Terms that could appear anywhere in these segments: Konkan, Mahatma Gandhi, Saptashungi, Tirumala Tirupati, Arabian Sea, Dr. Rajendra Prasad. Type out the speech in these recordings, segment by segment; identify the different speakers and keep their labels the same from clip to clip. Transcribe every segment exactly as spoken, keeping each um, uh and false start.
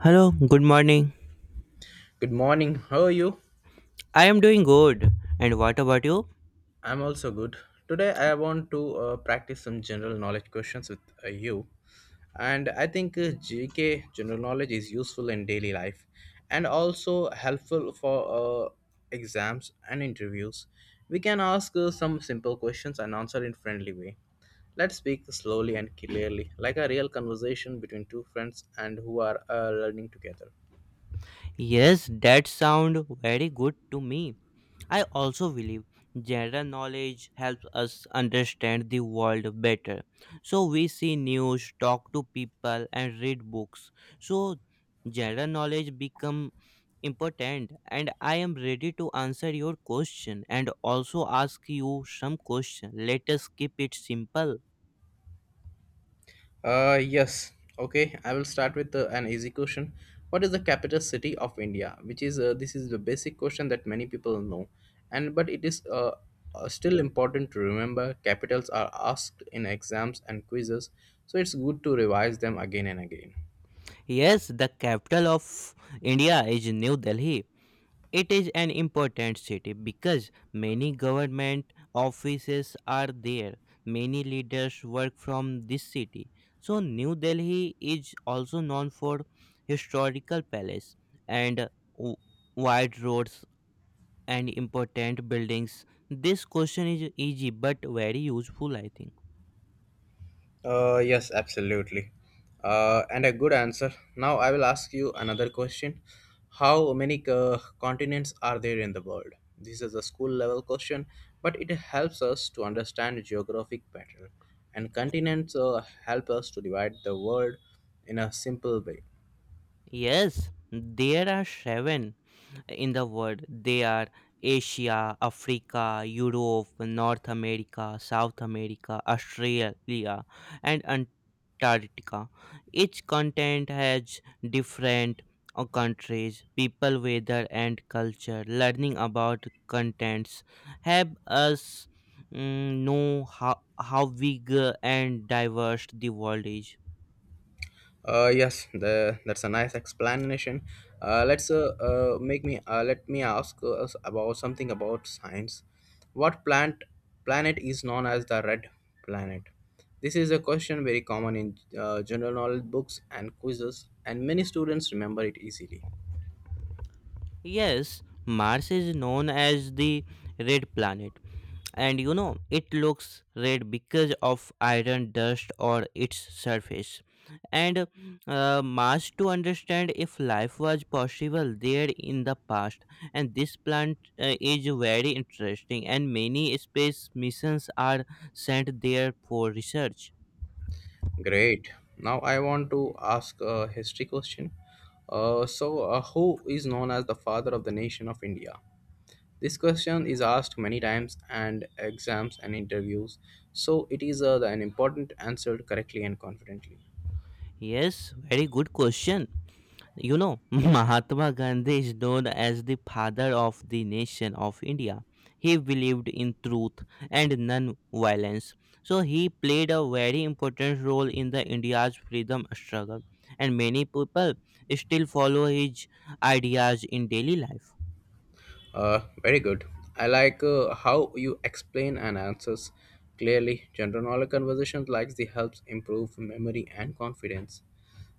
Speaker 1: Hello, good morning.
Speaker 2: Good morning. How are you?
Speaker 1: I am doing good. And what about you?
Speaker 2: I'm also good. Today I want to uh, practice some general knowledge questions with uh, you. And I think uh, G K general knowledge is useful in daily life and also helpful for uh, exams and interviews. We can ask uh, some simple questions and answer in friendly way. Let's speak slowly and clearly like a real conversation between two friends and who are uh, learning together.
Speaker 1: Yes, that sound very good to me. I also believe general knowledge helps us understand the world better. So we see news, talk to people and read books. So general knowledge become important, and I am ready to answer your question and also ask you some question. Let us keep it simple.
Speaker 2: Uh, yes. Okay, I will start with uh, an easy question. What is the capital city of India? Which is uh, This is the basic question that many people know, and but it is uh, uh, still important to remember. Capitals are asked in exams and quizzes, so it's good to revise them again and again.
Speaker 1: Yes, the capital of India is New Delhi. It is an important city because many government offices are there. Many leaders work from this city. So New Delhi is also known for historical palace and w- wide roads and important buildings. This question is easy but very useful I think.
Speaker 2: Uh, yes, absolutely. Uh, and a good answer. Now I will ask you another question. How many uh, continents are there in the world? This is a school level question, but it helps us to understand geographic pattern. And continents uh, help us to divide the world in a simple way.
Speaker 1: Yes, there are seven in the world. They are Asia, Africa, Europe, North America, South America, Australia, and Antarctica. Each continent has different uh, countries, people, weather, and culture. Learning about contents help us mm, know how, how big uh, and diverse the world is.
Speaker 2: Uh, yes, the, that's a nice explanation. Uh, let's uh, uh, make me uh, let me ask us about something about science. What plant planet is known as the red planet? This is a question very common in uh, general knowledge books and quizzes, and many students remember it easily.
Speaker 1: Yes, Mars is known as the red planet, and you know it looks red because of iron dust or its surface, and uh, must to understand if life was possible there in the past. And this plant uh, is very interesting, and many space missions are sent there for research.
Speaker 2: Great. Now I want to ask a history question. Uh, so, uh, who is known as the father of the nation of India? This question is asked many times and exams and interviews, so it is uh, an important answer correctly and confidently.
Speaker 1: Yes, very good question. You know, Mahatma Gandhi is known as the father of the nation of India. He believed in truth and non-violence. So he played a very important role in the India's freedom struggle, and many people still follow his ideas in daily life.
Speaker 2: Uh, very good. I like uh, how you explain and answers clearly. General knowledge conversations like this helps improve memory and confidence.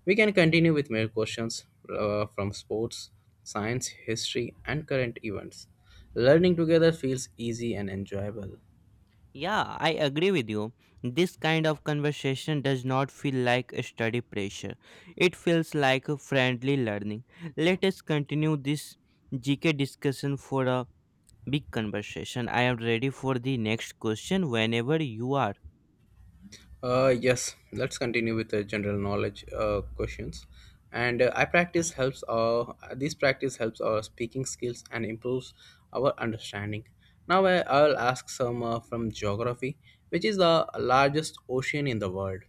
Speaker 2: We can continue with more questions uh, from sports, science, history, and current events. Learning together feels easy and enjoyable.
Speaker 1: Yeah, I agree with you. This kind of conversation does not feel like a study pressure. It feels like a friendly learning. Let us continue this G K discussion for a big conversation. I am ready for the next question whenever you are.
Speaker 2: Uh, yes, let's continue with the general knowledge uh, questions. And uh, I practice helps. Uh, this practice helps our speaking skills and improves our understanding. Now I, I'll ask some uh, from geography, which is the largest ocean in the world.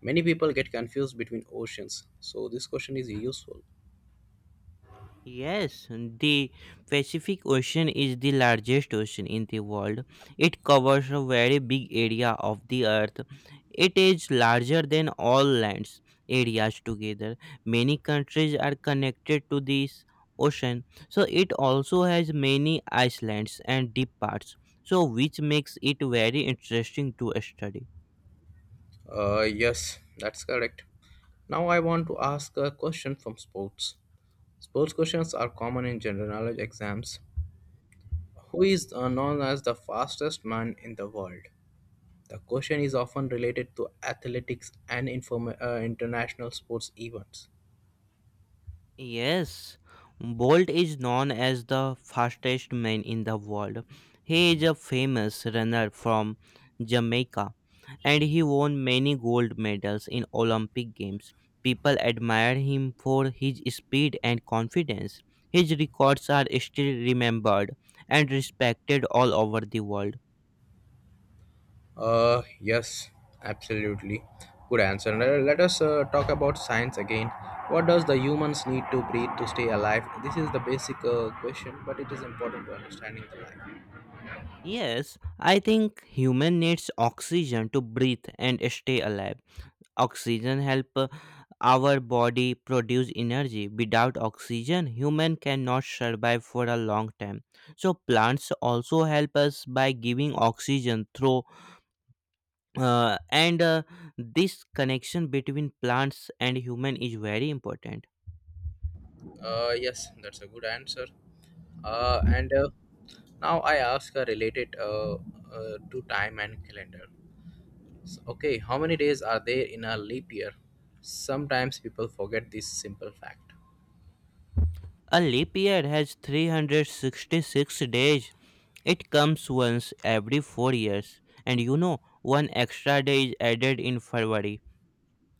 Speaker 2: Many people get confused between oceans, so this question is useful.
Speaker 1: Yes, the Pacific Ocean is the largest ocean in the world. It covers a very big area of the earth. It is larger than all lands areas together. Many countries are connected to this ocean. So it also has many islands and deep parts. So which makes it very interesting to study.
Speaker 2: Uh, yes, that's correct. Now I want to ask a question from sports. Sports questions are common in general knowledge exams. Who is uh, known as the fastest man in the world? The question is often related to athletics and inform- uh, international sports events.
Speaker 1: Yes, Bolt is known as the fastest man in the world. He is a famous runner from Jamaica, and he won many gold medals in Olympic Games. People admire him for his speed and confidence. His records are still remembered and respected all over the world.
Speaker 2: Uh, yes, absolutely. Good answer. Le- Let us uh, talk about science again. What does the humans need to breathe to stay alive? This is the basic uh, question, but it is important to understanding the life.
Speaker 1: Yes, I think human needs oxygen to breathe and stay alive. Oxygen help uh, our body produce energy. Without oxygen, human cannot survive for a long time. So plants also help us by giving oxygen through uh, and uh, this connection between plants and human is very important.
Speaker 2: Uh, yes, that's a good answer. Uh, and uh, Now I ask a related uh, uh, to time and calendar. So, okay, how many days are there in a leap year? Sometimes people forget this simple fact.
Speaker 1: A leap year has three hundred sixty-six days. It comes once every four years, and you know one extra day is added in February.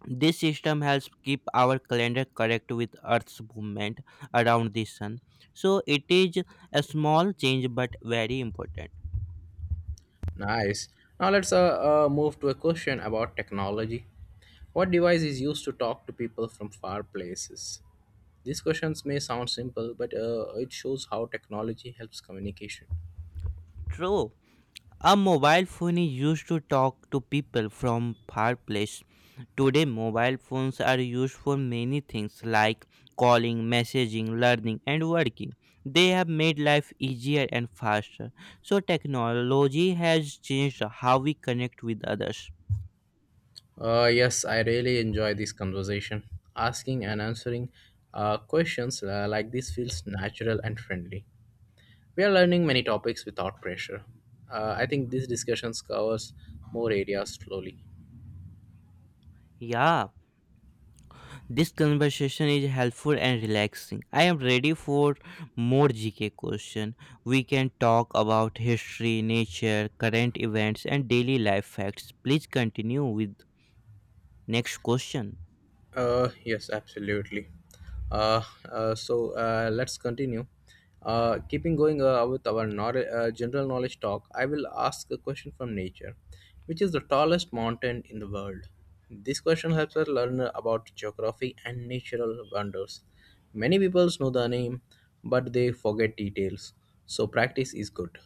Speaker 1: This system helps keep our calendar correct with Earth's movement around the sun. So it is a small change but very important.
Speaker 2: Nice. Now let's uh, uh, move to a question about technology. What device is used to talk to people from far places? These questions may sound simple, but uh, it shows how technology helps communication.
Speaker 1: True. A mobile phone is used to talk to people from far place. Today mobile phones are used for many things like calling, messaging, learning and working. They have made life easier and faster. So technology has changed how we connect with others.
Speaker 2: Uh, yes, I really enjoy this conversation. Asking and answering uh, questions uh, like this feels natural and friendly. We are learning many topics without pressure. Uh, i think these discussions covers more areas slowly.
Speaker 1: Yeah. This conversation is helpful and relaxing. I am ready for more G K question. We can talk about history, nature, current events and daily life facts. Please continue with next question.
Speaker 2: Uh, yes absolutely. uh, uh, so uh, let's continue uh, keeping going uh, with our knowledge, uh, general knowledge talk. I will ask a question from nature. Which is the tallest mountain in the world? This question helps us learn about geography and natural wonders. Many people know the name, but they forget details, so practice is good.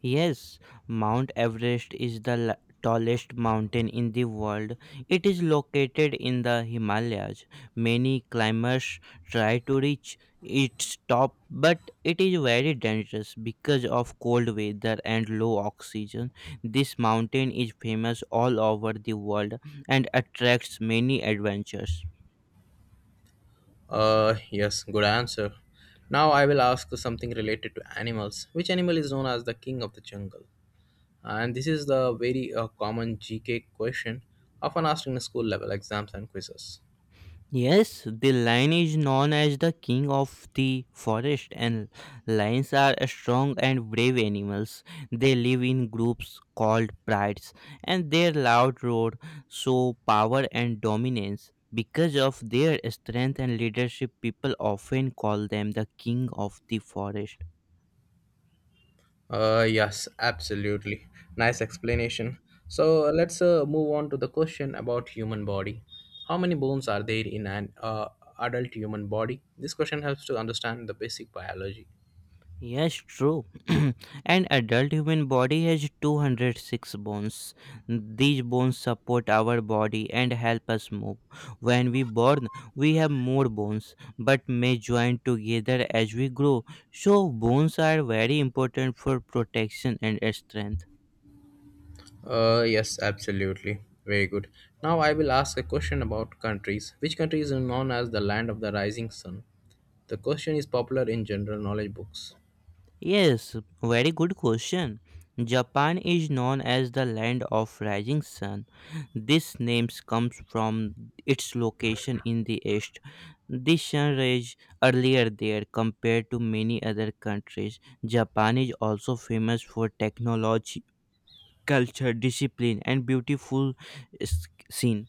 Speaker 1: Yes, Mount Everest is the la- tallest mountain in the world. It is located in the Himalayas. Many climbers try to reach its top, but it is very dangerous because of cold weather and low oxygen. This mountain is famous all over the world and attracts many adventures.
Speaker 2: Uh, yes, good answer. Now I will ask something related to animals. Which animal is known as the king of the jungle? And this is the very uh, common G K question often asked in school level exams and quizzes.
Speaker 1: Yes, the lion is known as the king of the forest, and lions are strong and brave animals. They live in groups called prides, and their loud roar show power and dominance. Because of their strength and leadership, people often call them the king of the forest.
Speaker 2: Uh, yes, absolutely. Nice explanation. So uh, let's uh, move on to the question about human body. How many bones are there in an uh, adult human body? This question helps to understand the basic biology.
Speaker 1: Yes, true. An adult human body has two hundred six bones. These bones support our body and help us move. When we born, we have more bones but may join together as we grow. So bones are very important for protection and strength.
Speaker 2: Uh, yes, absolutely. Very good. Now I will ask a question about countries. Which country is known as the land of the rising sun? The question is popular in general knowledge books.
Speaker 1: Yes, very good question. Japan is known as the land of rising sun. This name comes from its location in the east. The sun rays earlier there compared to many other countries. Japan is also famous for technology, culture, discipline, and beautiful s- scene.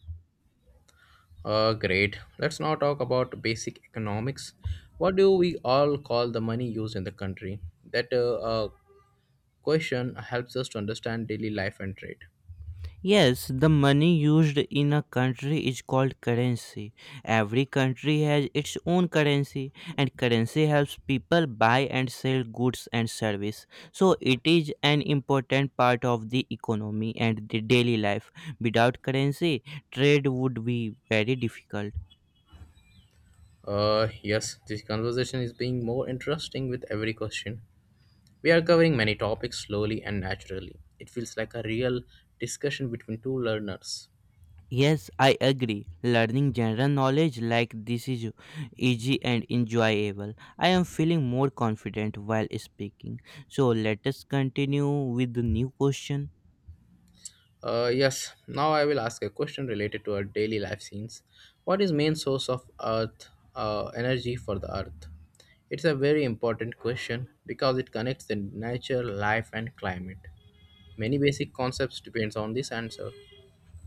Speaker 2: Uh, great. Let's now talk about basic economics. What do we all call the money used in the country? That uh, uh, question helps us to understand daily life and trade.
Speaker 1: Yes, the money used in a country is called currency. Every country has its own currency, and currency helps people buy and sell goods and service. So it is an important part of the economy and the daily life. Without currency, trade would be very difficult.
Speaker 2: Uh, yes, this conversation is being more interesting with every question. We are covering many topics slowly and naturally. It feels like a real discussion between two learners.
Speaker 1: Yes, I agree. Learning general knowledge like this is easy and enjoyable. I am feeling more confident while speaking. So let us continue with the new question.
Speaker 2: Uh, yes, now I will ask a question related to our daily life scenes. What is main source of earth uh, energy for the earth? It's a very important question because it connects the nature, life and climate. Many basic concepts depends on this answer.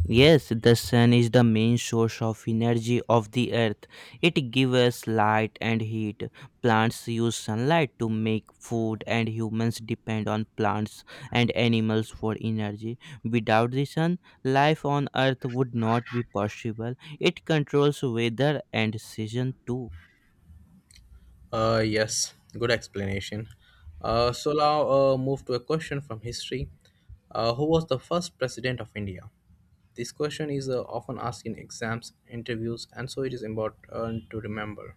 Speaker 1: Yes, the sun is the main source of energy of the earth. It gives us light and heat. Plants use sunlight to make food, and humans depend on plants and animals for energy. Without the sun, life on earth would not be possible. It controls weather and season too.
Speaker 2: Uh, yes, good explanation. Uh, so now uh, move to a question from history. Uh, who was the first president of India? This question is uh, often asked in exams, interviews, and so it is important uh, to remember.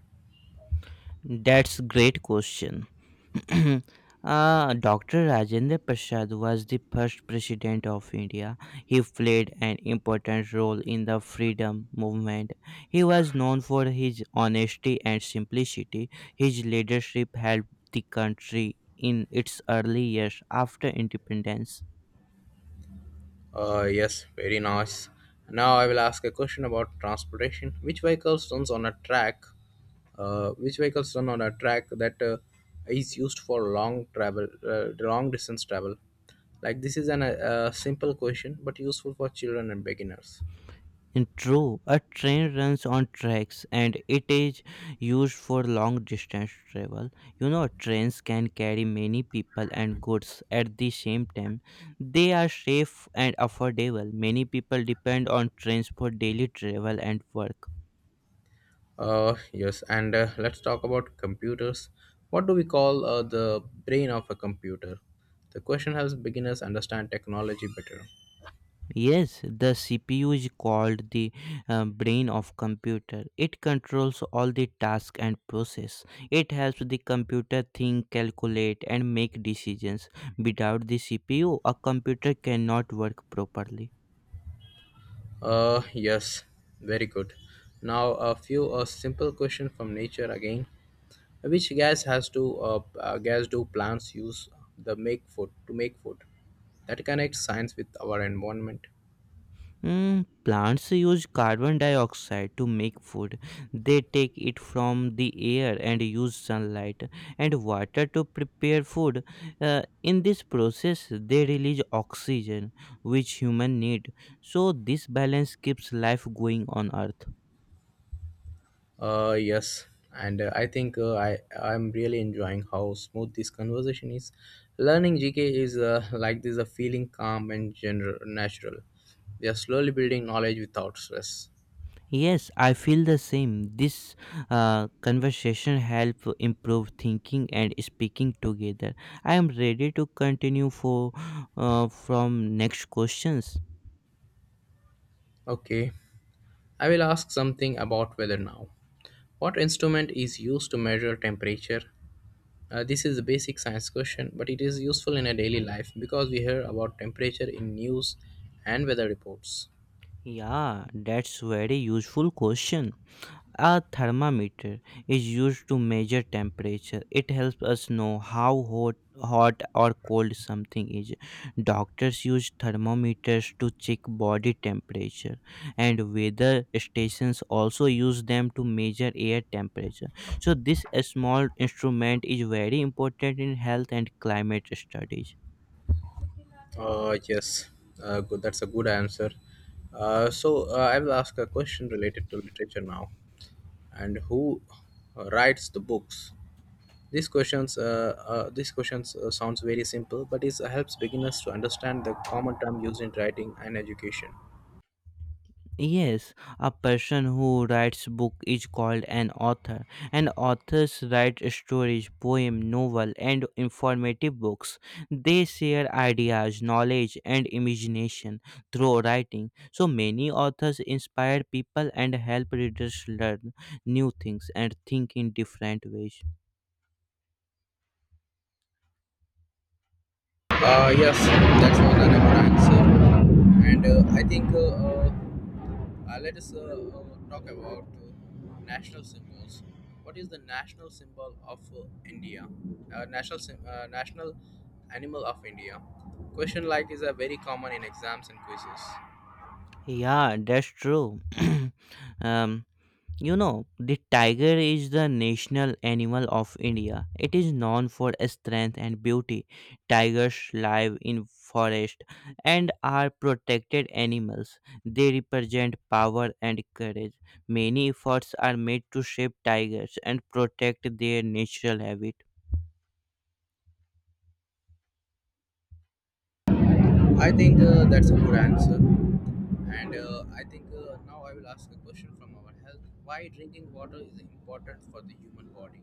Speaker 1: That's great question. uh, doctor Rajendra Prasad was the first president of India. He played an important role in the freedom movement. He was known for his honesty and simplicity. His leadership helped the country in its early years after independence.
Speaker 2: Uh, yes, very nice. Now I will ask a question about transportation. Which vehicles runs on a track? Uh, which vehicles run on a track that uh, is used for long travel, uh, long distance travel? Like this is an uh, simple question, but useful for children and beginners.
Speaker 1: True, a train runs on tracks, and it is used for long distance travel. You know, trains can carry many people and goods at the same time. They are safe and affordable. Many people depend on trains for daily travel and work.
Speaker 2: Uh, yes, and uh, let's talk about computers. What do we call uh, the brain of a computer? The question helps beginners understand technology better.
Speaker 1: Yes, the C P U is called the uh, brain of computer. It controls all the task and process. It helps the computer think, calculate and make decisions. Without the C P U, a computer cannot work properly.
Speaker 2: Uh, yes, very good. Now a few uh, simple question from nature again. Which gas has to uh, uh, gas do plants use the make food to make food? That connects science with our environment.
Speaker 1: Mm, plants use carbon dioxide to make food. They take it from the air and use sunlight and water to prepare food. Uh, in this process, they release oxygen, which human need. So this balance keeps life going on Earth.
Speaker 2: Uh, yes, and uh, I think uh, I I'm really enjoying how smooth this conversation is. Learning G K is uh, like this, a feeling calm and general natural. We are slowly building knowledge without stress.
Speaker 1: Yes, I feel the same. This uh, conversation help improve thinking and speaking together. I am ready to continue for uh, from next questions.
Speaker 2: Okay. I will ask something about weather now. What instrument is used to measure temperature? Uh, this is a basic science question, but it is useful in a daily life because we hear about temperature in news and weather reports.
Speaker 1: Yeah, that's very useful question. A thermometer is used to measure temperature. It helps us know how hot, hot or cold something is. Doctors use thermometers to check body temperature, and weather stations also use them to measure air temperature. So, this small instrument is very important in health and climate studies.
Speaker 2: Uh, yes, uh, good. That's a good answer. Uh, so uh, I will ask a question related to literature now. And who uh, writes the books? These questions, uh, uh, these questions uh, sounds very simple, but it helps beginners to understand the common term used in writing and education.
Speaker 1: Yes, a person who writes book is called an author, and authors write stories, poem, novel, and informative books. They share ideas, knowledge, and imagination through writing. So many authors inspire people and help readers learn new things and think in different ways.
Speaker 2: Uh, yes, that was an good answer, and uh, I think uh, uh, uh, let us uh, uh, talk about uh, national symbols. What is the national symbol of uh, India? Uh, national sym- uh, national animal of India? Question like is a very common in exams and quizzes.
Speaker 1: Yeah, that's true. um, You know, the tiger is the national animal of India. It is known for its strength and beauty. Tigers live in forest and are protected animals. They represent power and courage. Many efforts are made to shape tigers and protect their natural habitat.
Speaker 2: I think uh, that's a good answer. And uh, I think uh, now I will ask a question from our health. Why drinking water is important for the human body?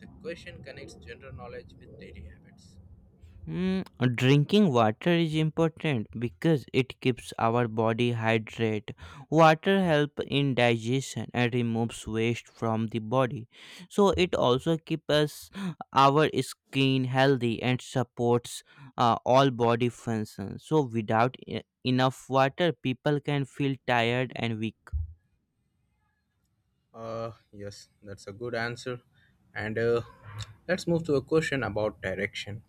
Speaker 2: The question connects general knowledge with daily habits.
Speaker 1: Mm, drinking water is important because it keeps our body hydrated. Water help in digestion and removes waste from the body. So it also keeps us our skin healthy and supports uh, all body functions. So without e- enough water, people can feel tired and weak.
Speaker 2: Uh, yes, that's a good answer. And uh, let's move to a question about direction.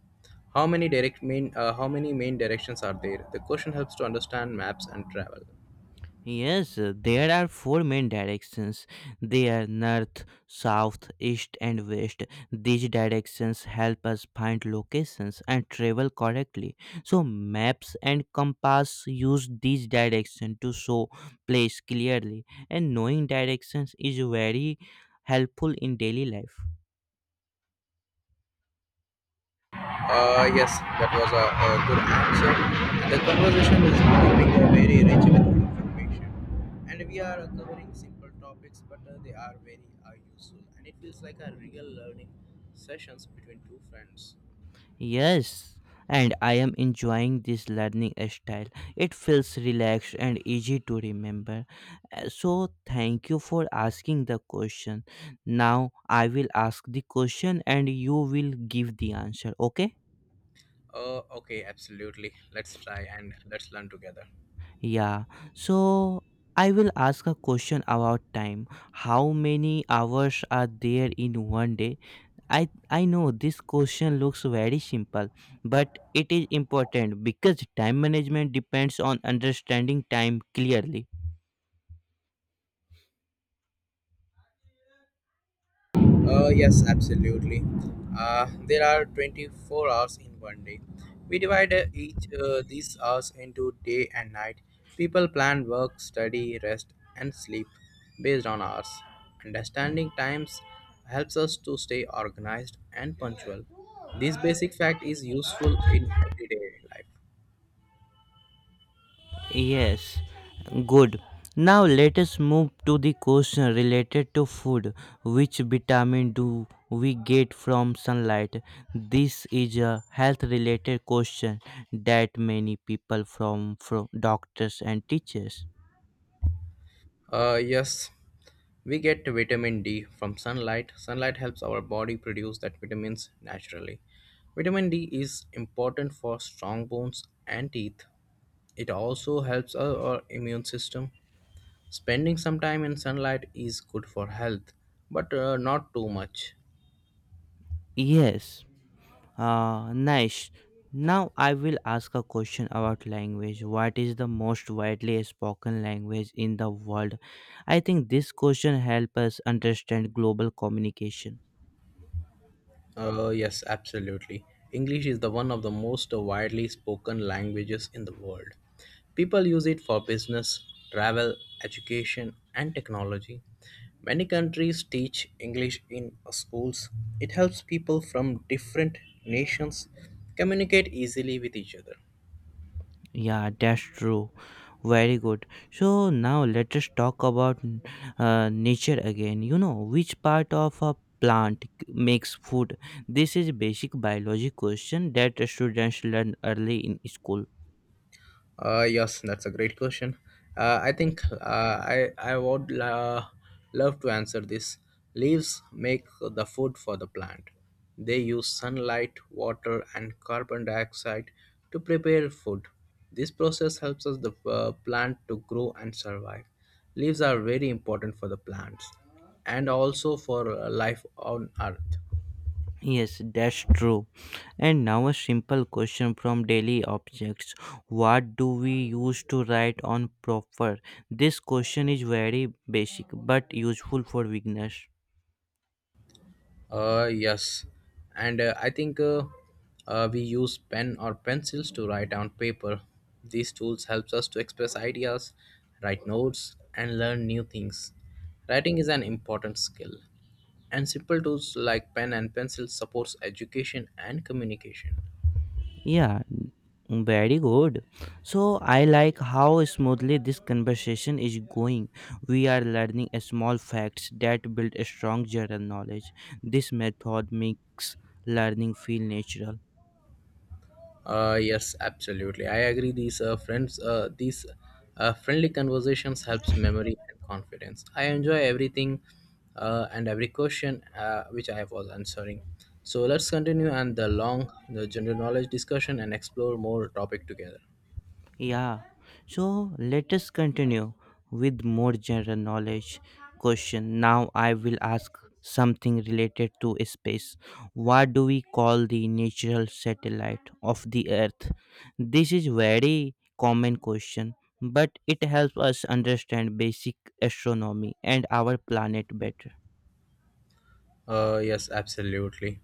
Speaker 2: How many direct main uh, how many main directions are there? The question helps to understand maps and travel.
Speaker 1: Yes, uh, there are four main directions. They are north, south, east, and west. These directions help us find locations and travel correctly. So, maps and compass use these directions to show place clearly, and knowing directions is very helpful in daily life.
Speaker 2: Uh, yes, that was a, a good answer. The conversation is becoming uh, very rich with information, and we are uh, covering simple topics, but uh, they are very uh, useful, and it feels like a real learning sessions between two friends.
Speaker 1: Yes, and I am enjoying this learning style. It feels relaxed and easy to remember. Uh, So, thank you for asking the question. Now, I will ask the question and you will give the answer, okay?
Speaker 2: Uh, okay, absolutely. Let's try and let's learn together.
Speaker 1: Yeah, so I will ask a question about time. How many hours are there in one day? I I know this question looks very simple, but it is important because time management depends on understanding time clearly.
Speaker 2: Uh, yes, absolutely. Uh, there are twenty-four hours in one day. We divide uh, each uh, these hours into day and night. People plan work, study, rest, and sleep based on hours. Understanding times helps us to stay organized and punctual. This basic fact is useful in everyday life.
Speaker 1: Yes, good. Now let us move to the question related to food. Which vitamin do we get from sunlight? This is a health related question that many people from from doctors and teachers.
Speaker 2: Uh, yes, we get vitamin D from sunlight. Sunlight helps our body produce that vitamins naturally. Vitamin D is important for strong bones and teeth. It also helps our our immune system. Spending some time in sunlight is good for health, but uh, not too much.
Speaker 1: Yes. Uh, nice. Now I will ask a question about language. What is the most widely spoken language in the world? I think this question helps us understand global communication.
Speaker 2: Uh, yes, absolutely. English is the one of the most widely spoken languages in the world. People use it for business, travel, education, and technology. Many countries teach English in uh, schools. It helps people from different nations communicate easily with each other.
Speaker 1: Yeah, that's true. Very good. So now let us talk about uh, nature again. You know, which part of a plant makes food? This is basic biology question that students learn early in school.
Speaker 2: Uh, yes, that's a great question. Uh, I think uh, I I would uh, love to answer this. Leaves make the food for the plant. They use sunlight, water, and carbon dioxide to prepare food. This process helps us the uh, plant to grow and survive. Leaves are very important for the plants and also for uh, life on earth.
Speaker 1: Yes, that's true. And now a simple question from daily objects. What do we use to write on proper? This question is very basic but useful for beginners.
Speaker 2: Uh, yes, and uh, I think uh, uh, We use pen or pencils to write on paper. These tools helps us to express ideas, write notes, and learn new things. Writing is an important skill, and simple tools like pen and pencil supports education and communication.
Speaker 1: Yeah, very good. So I like how smoothly this conversation is going. We are learning a small facts that build a strong general knowledge. This method makes learning feel natural.
Speaker 2: Uh, yes, absolutely. I agree. These uh, friends, uh, these uh, friendly conversations helps memory and confidence. I enjoy everything uh, and every question uh, which I was answering. So let's continue and the long, the general knowledge discussion and explore more topic together.
Speaker 1: Yeah, so let us continue with more general knowledge question. Now I will ask something related to space. What do we call the natural satellite of the Earth? This is very common question, but it helps us understand basic astronomy and our planet better.
Speaker 2: Uh, yes, absolutely.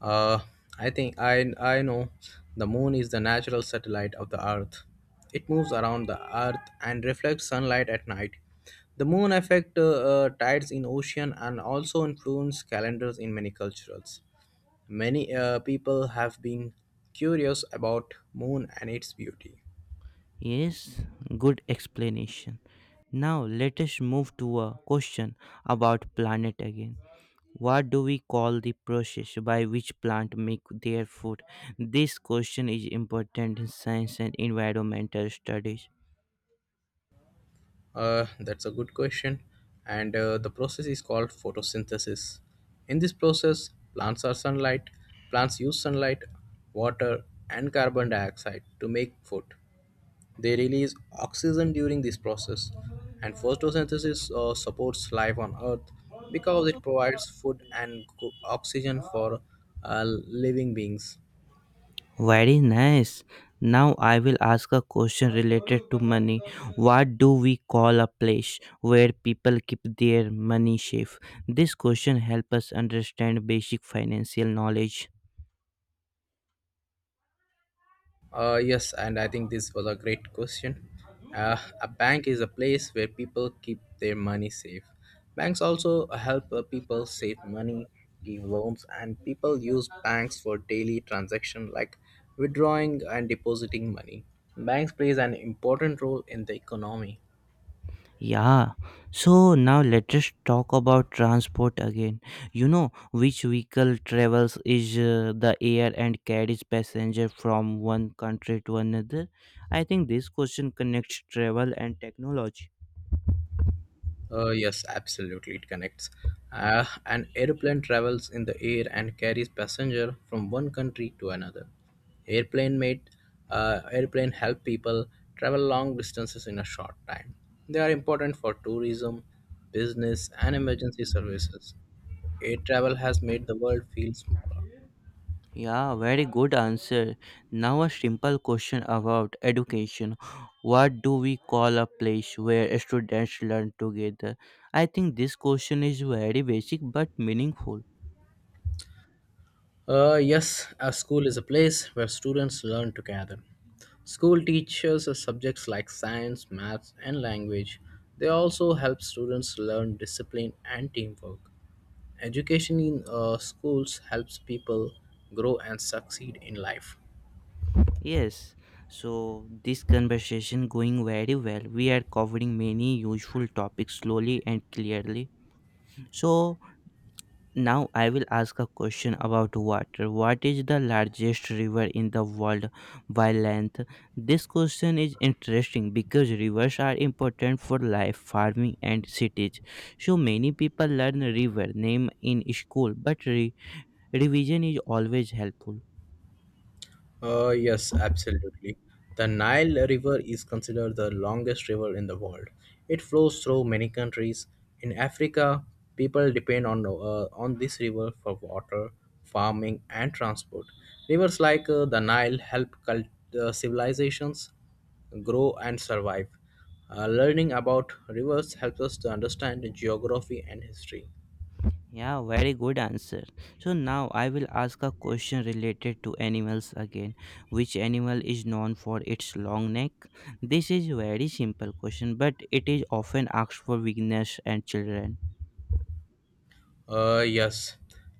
Speaker 2: Uh, I think I I know the moon is the natural satellite of the Earth. It moves around the Earth and reflects sunlight at night. The moon affect uh, uh, tides in ocean and also influence calendars in many cultures. Many uh, people have been curious about moon and its beauty.
Speaker 1: Yes, good explanation. Now let us move to a question about planet again. What do we call the process by which plants make their food? This question is important in science and environmental studies.
Speaker 2: Uh, that's a good question. And uh, the process is called photosynthesis. In this process, plants are sunlight. Plants use sunlight, water, and carbon dioxide to make food. They release oxygen during this process. And photosynthesis uh, supports life on Earth because it provides food and co- oxygen for uh, living beings.
Speaker 1: Very nice. Now I will ask a question related to money. What do we call a place where people keep their money safe? This question helps us understand basic financial knowledge.
Speaker 2: Uh, yes, and I think this was a great question. Uh, a bank is a place where people keep their money safe. Banks also help uh, people save money, give loans, and people use banks for daily transactions like withdrawing and depositing money. Banks plays an important role in the economy.
Speaker 1: Yeah, so now let us talk about transport again. You know, which vehicle travels is uh, the air and carries passenger from one country to another? I think this question connects travel and technology.
Speaker 2: Uh, yes, absolutely, it connects. Uh, an airplane travels in the air and carries passenger from one country to another. Airplane mate, uh, Airplane help people travel long distances in a short time. They are important for tourism, business, and emergency services. Air travel has made the world feel smaller.
Speaker 1: Yeah, very good answer. Now a simple question about education. What do we call a place where students learn together? I think this question is very basic but meaningful.
Speaker 2: Uh, yes, a school is a place where students learn together. School teaches us subjects like science, maths, and language. They also help students learn discipline and teamwork. Education in uh, schools helps people grow and succeed in life.
Speaker 1: Yes, so this conversation going very well. We are covering many useful topics slowly and clearly. So now I will ask a question about water. What is the largest river in the world by length? This question is interesting because rivers are important for life, farming and cities. So many people learn river name in school, but re- revision is always helpful.
Speaker 2: Uh, yes, absolutely. The Nile River is considered the longest river in the world. It flows through many countries. In Africa, people depend on uh, on this river for water, farming, and transport. Rivers like uh, the Nile help cult- uh, civilizations grow and survive. Uh, learning about rivers helps us to understand geography and history.
Speaker 1: Yeah, very good answer. So now I will ask a question related to animals again. Which animal is known for its long neck? This is very simple question, but it is often asked for beginners and children.
Speaker 2: Uh, yes.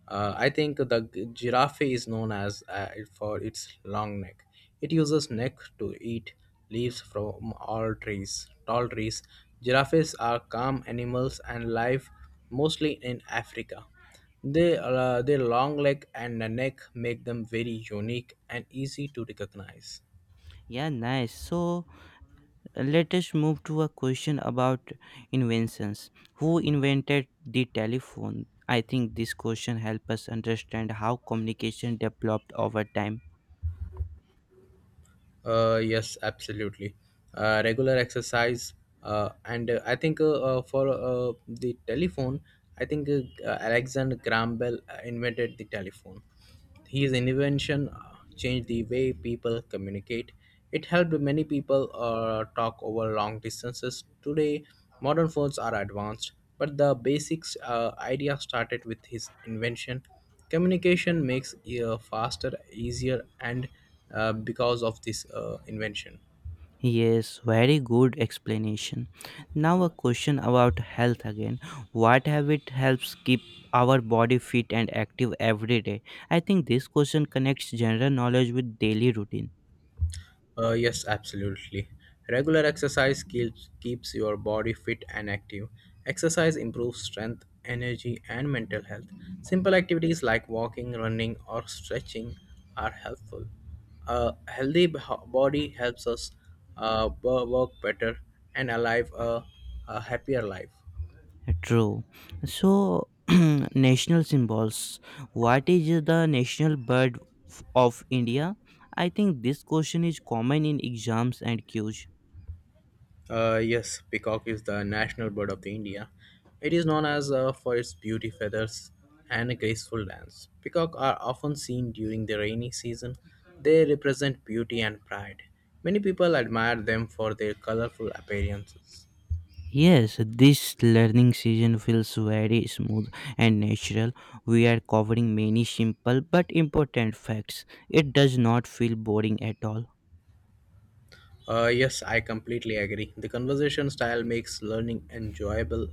Speaker 2: Uh, I think the g- giraffe is known as uh, for its long neck. It uses neck to eat leaves from all trees, tall trees. Giraffes are calm animals and live mostly in Africa. They, uh, their long leg and neck make them very unique and easy to recognize.
Speaker 1: Yeah, nice. So uh, let us move to a question about inventions. Who invented the telephone? I think this question helps us understand how communication developed over time.
Speaker 2: Uh, yes, absolutely. Uh, regular exercise, uh, and uh, I think uh, uh, for uh, The telephone, I think uh, uh, Alexander Graham Bell uh, invented the telephone. His invention uh, changed the way people communicate. It helped many people uh, talk over long distances. Today, modern phones are advanced, but the basics uh, idea started with his invention. Communication makes uh, faster, easier, and uh, because of this uh, invention.
Speaker 1: Yes, very good explanation. Now, a question about health again. What habit helps keep our body fit and active every day? I think this question connects general knowledge with daily routine.
Speaker 2: Uh, yes, absolutely. Regular exercise keeps, keeps your body fit and active. Exercise improves strength, energy, and mental health. Simple activities like walking, running, or stretching are helpful. A healthy b- body helps us uh, wo- work better and alive a, a happier life.
Speaker 1: True. So, national symbols. What is the national bird f- of India? I think this question is common in exams and Q.
Speaker 2: Uh, yes, peacock is the national bird of the India. It is known as uh, for its beauty feathers and a graceful dance. Peacock are often seen during the rainy season. They represent beauty and pride. Many people admire them for their colorful appearances.
Speaker 1: Yes, this learning season feels very smooth and natural. We are covering many simple but important facts. It does not feel boring at all.
Speaker 2: Uh, yes, I completely agree. The conversation style makes learning enjoyable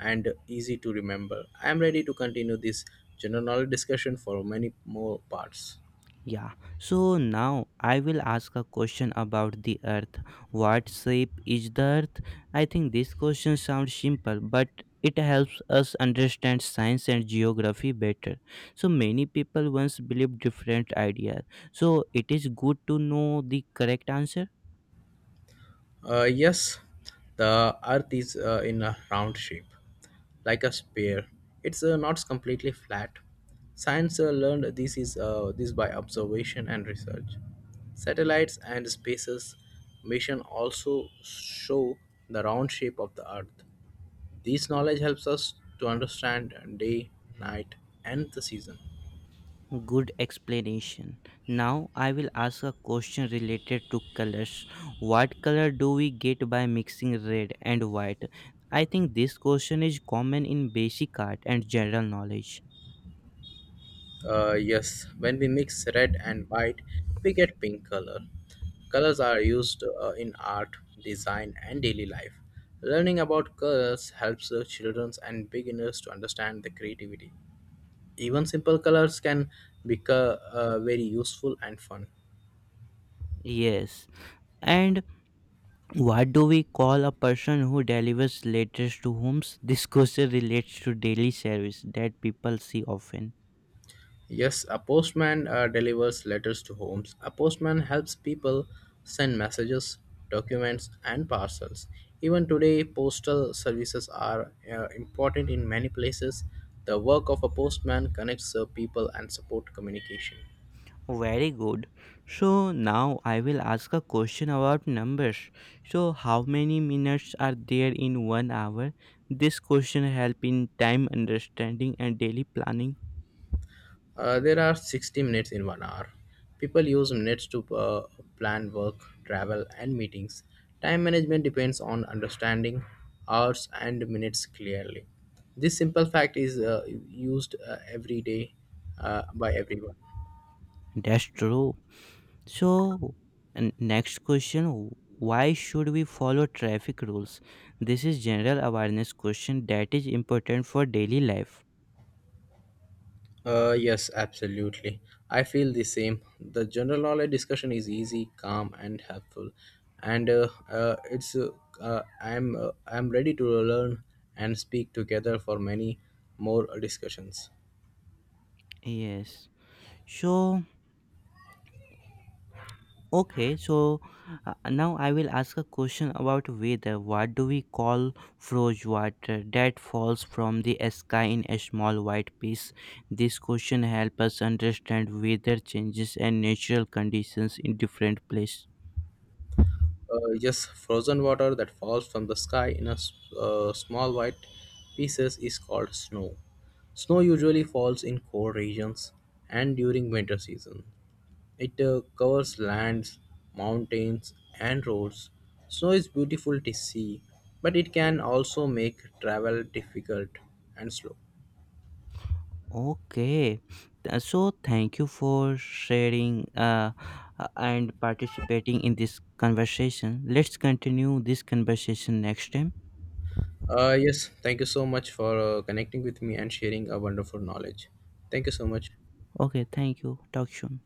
Speaker 2: and easy to remember. I am ready to continue this general knowledge discussion for many more parts.
Speaker 1: Yeah, so now I will ask a question about the earth. What shape is the earth? I think this question sounds simple, but it helps us understand science and geography better. So many people once believed different ideas. So it is good to know the correct answer.
Speaker 2: Uh, yes, the Earth is uh, in a round shape, like a sphere. It's uh, not completely flat. Science uh, learned this is uh, this by observation and research. Satellites and spaces mission also show the round shape of the Earth. This knowledge helps us to understand day, night, and the season.
Speaker 1: Good explanation. Now I will ask a question related to colors. What color do we get by mixing red and white? I think this question is common in basic art and general knowledge.
Speaker 2: Uh, yes, when we mix red and white, we get pink color. Colors are used uh, in art, design, and daily life. Learning about colors helps the children and beginners to understand the creativity. Even simple colors can become uh, very useful and fun.
Speaker 1: Yes. And what do we call a person who delivers letters to homes? This question relates to daily service that people see often.
Speaker 2: Yes, a postman uh, delivers letters to homes. A postman helps people send messages, documents, and parcels. Even today, postal services are uh, important in many places. The work of a postman connects uh, people and support communication.
Speaker 1: Very good. So now I will ask a question about numbers. So how many minutes are there in one hour? This question help in time understanding and daily planning.
Speaker 2: Uh, there are sixty minutes in one hour. People use minutes to uh, plan work, travel, and meetings. Time management depends on understanding hours and minutes clearly. This simple fact is uh, used uh, every day uh, by everyone.
Speaker 1: That's true. So n- next question, why should we follow traffic rules? This is general awareness question that is important for daily life.
Speaker 2: Uh, yes, absolutely. I feel the same. The general knowledge discussion is easy, calm, and helpful, and uh, uh, it's uh, uh, I'm uh, I'm ready to learn and speak together for many more discussions.
Speaker 1: Yes. So Okay, so uh, now I will ask a question about weather. What do we call froze water that falls from the sky in a small white piece? This question helps us understand weather changes and natural conditions in different places.
Speaker 2: Uh, yes, frozen water that falls from the sky in a s- uh, small white pieces is called snow. Snow usually falls in cold regions and during winter season. It uh, covers lands, mountains, and roads. Snow is beautiful to see, but it can also make travel difficult and slow.
Speaker 1: Okay, th- so thank you for sharing uh, uh, and participating in this conversation. Let's continue this conversation next time.
Speaker 2: Uh, yes, thank you so much for uh, connecting with me and sharing a wonderful knowledge. Thank you so much.
Speaker 1: Okay, thank you. Talk soon.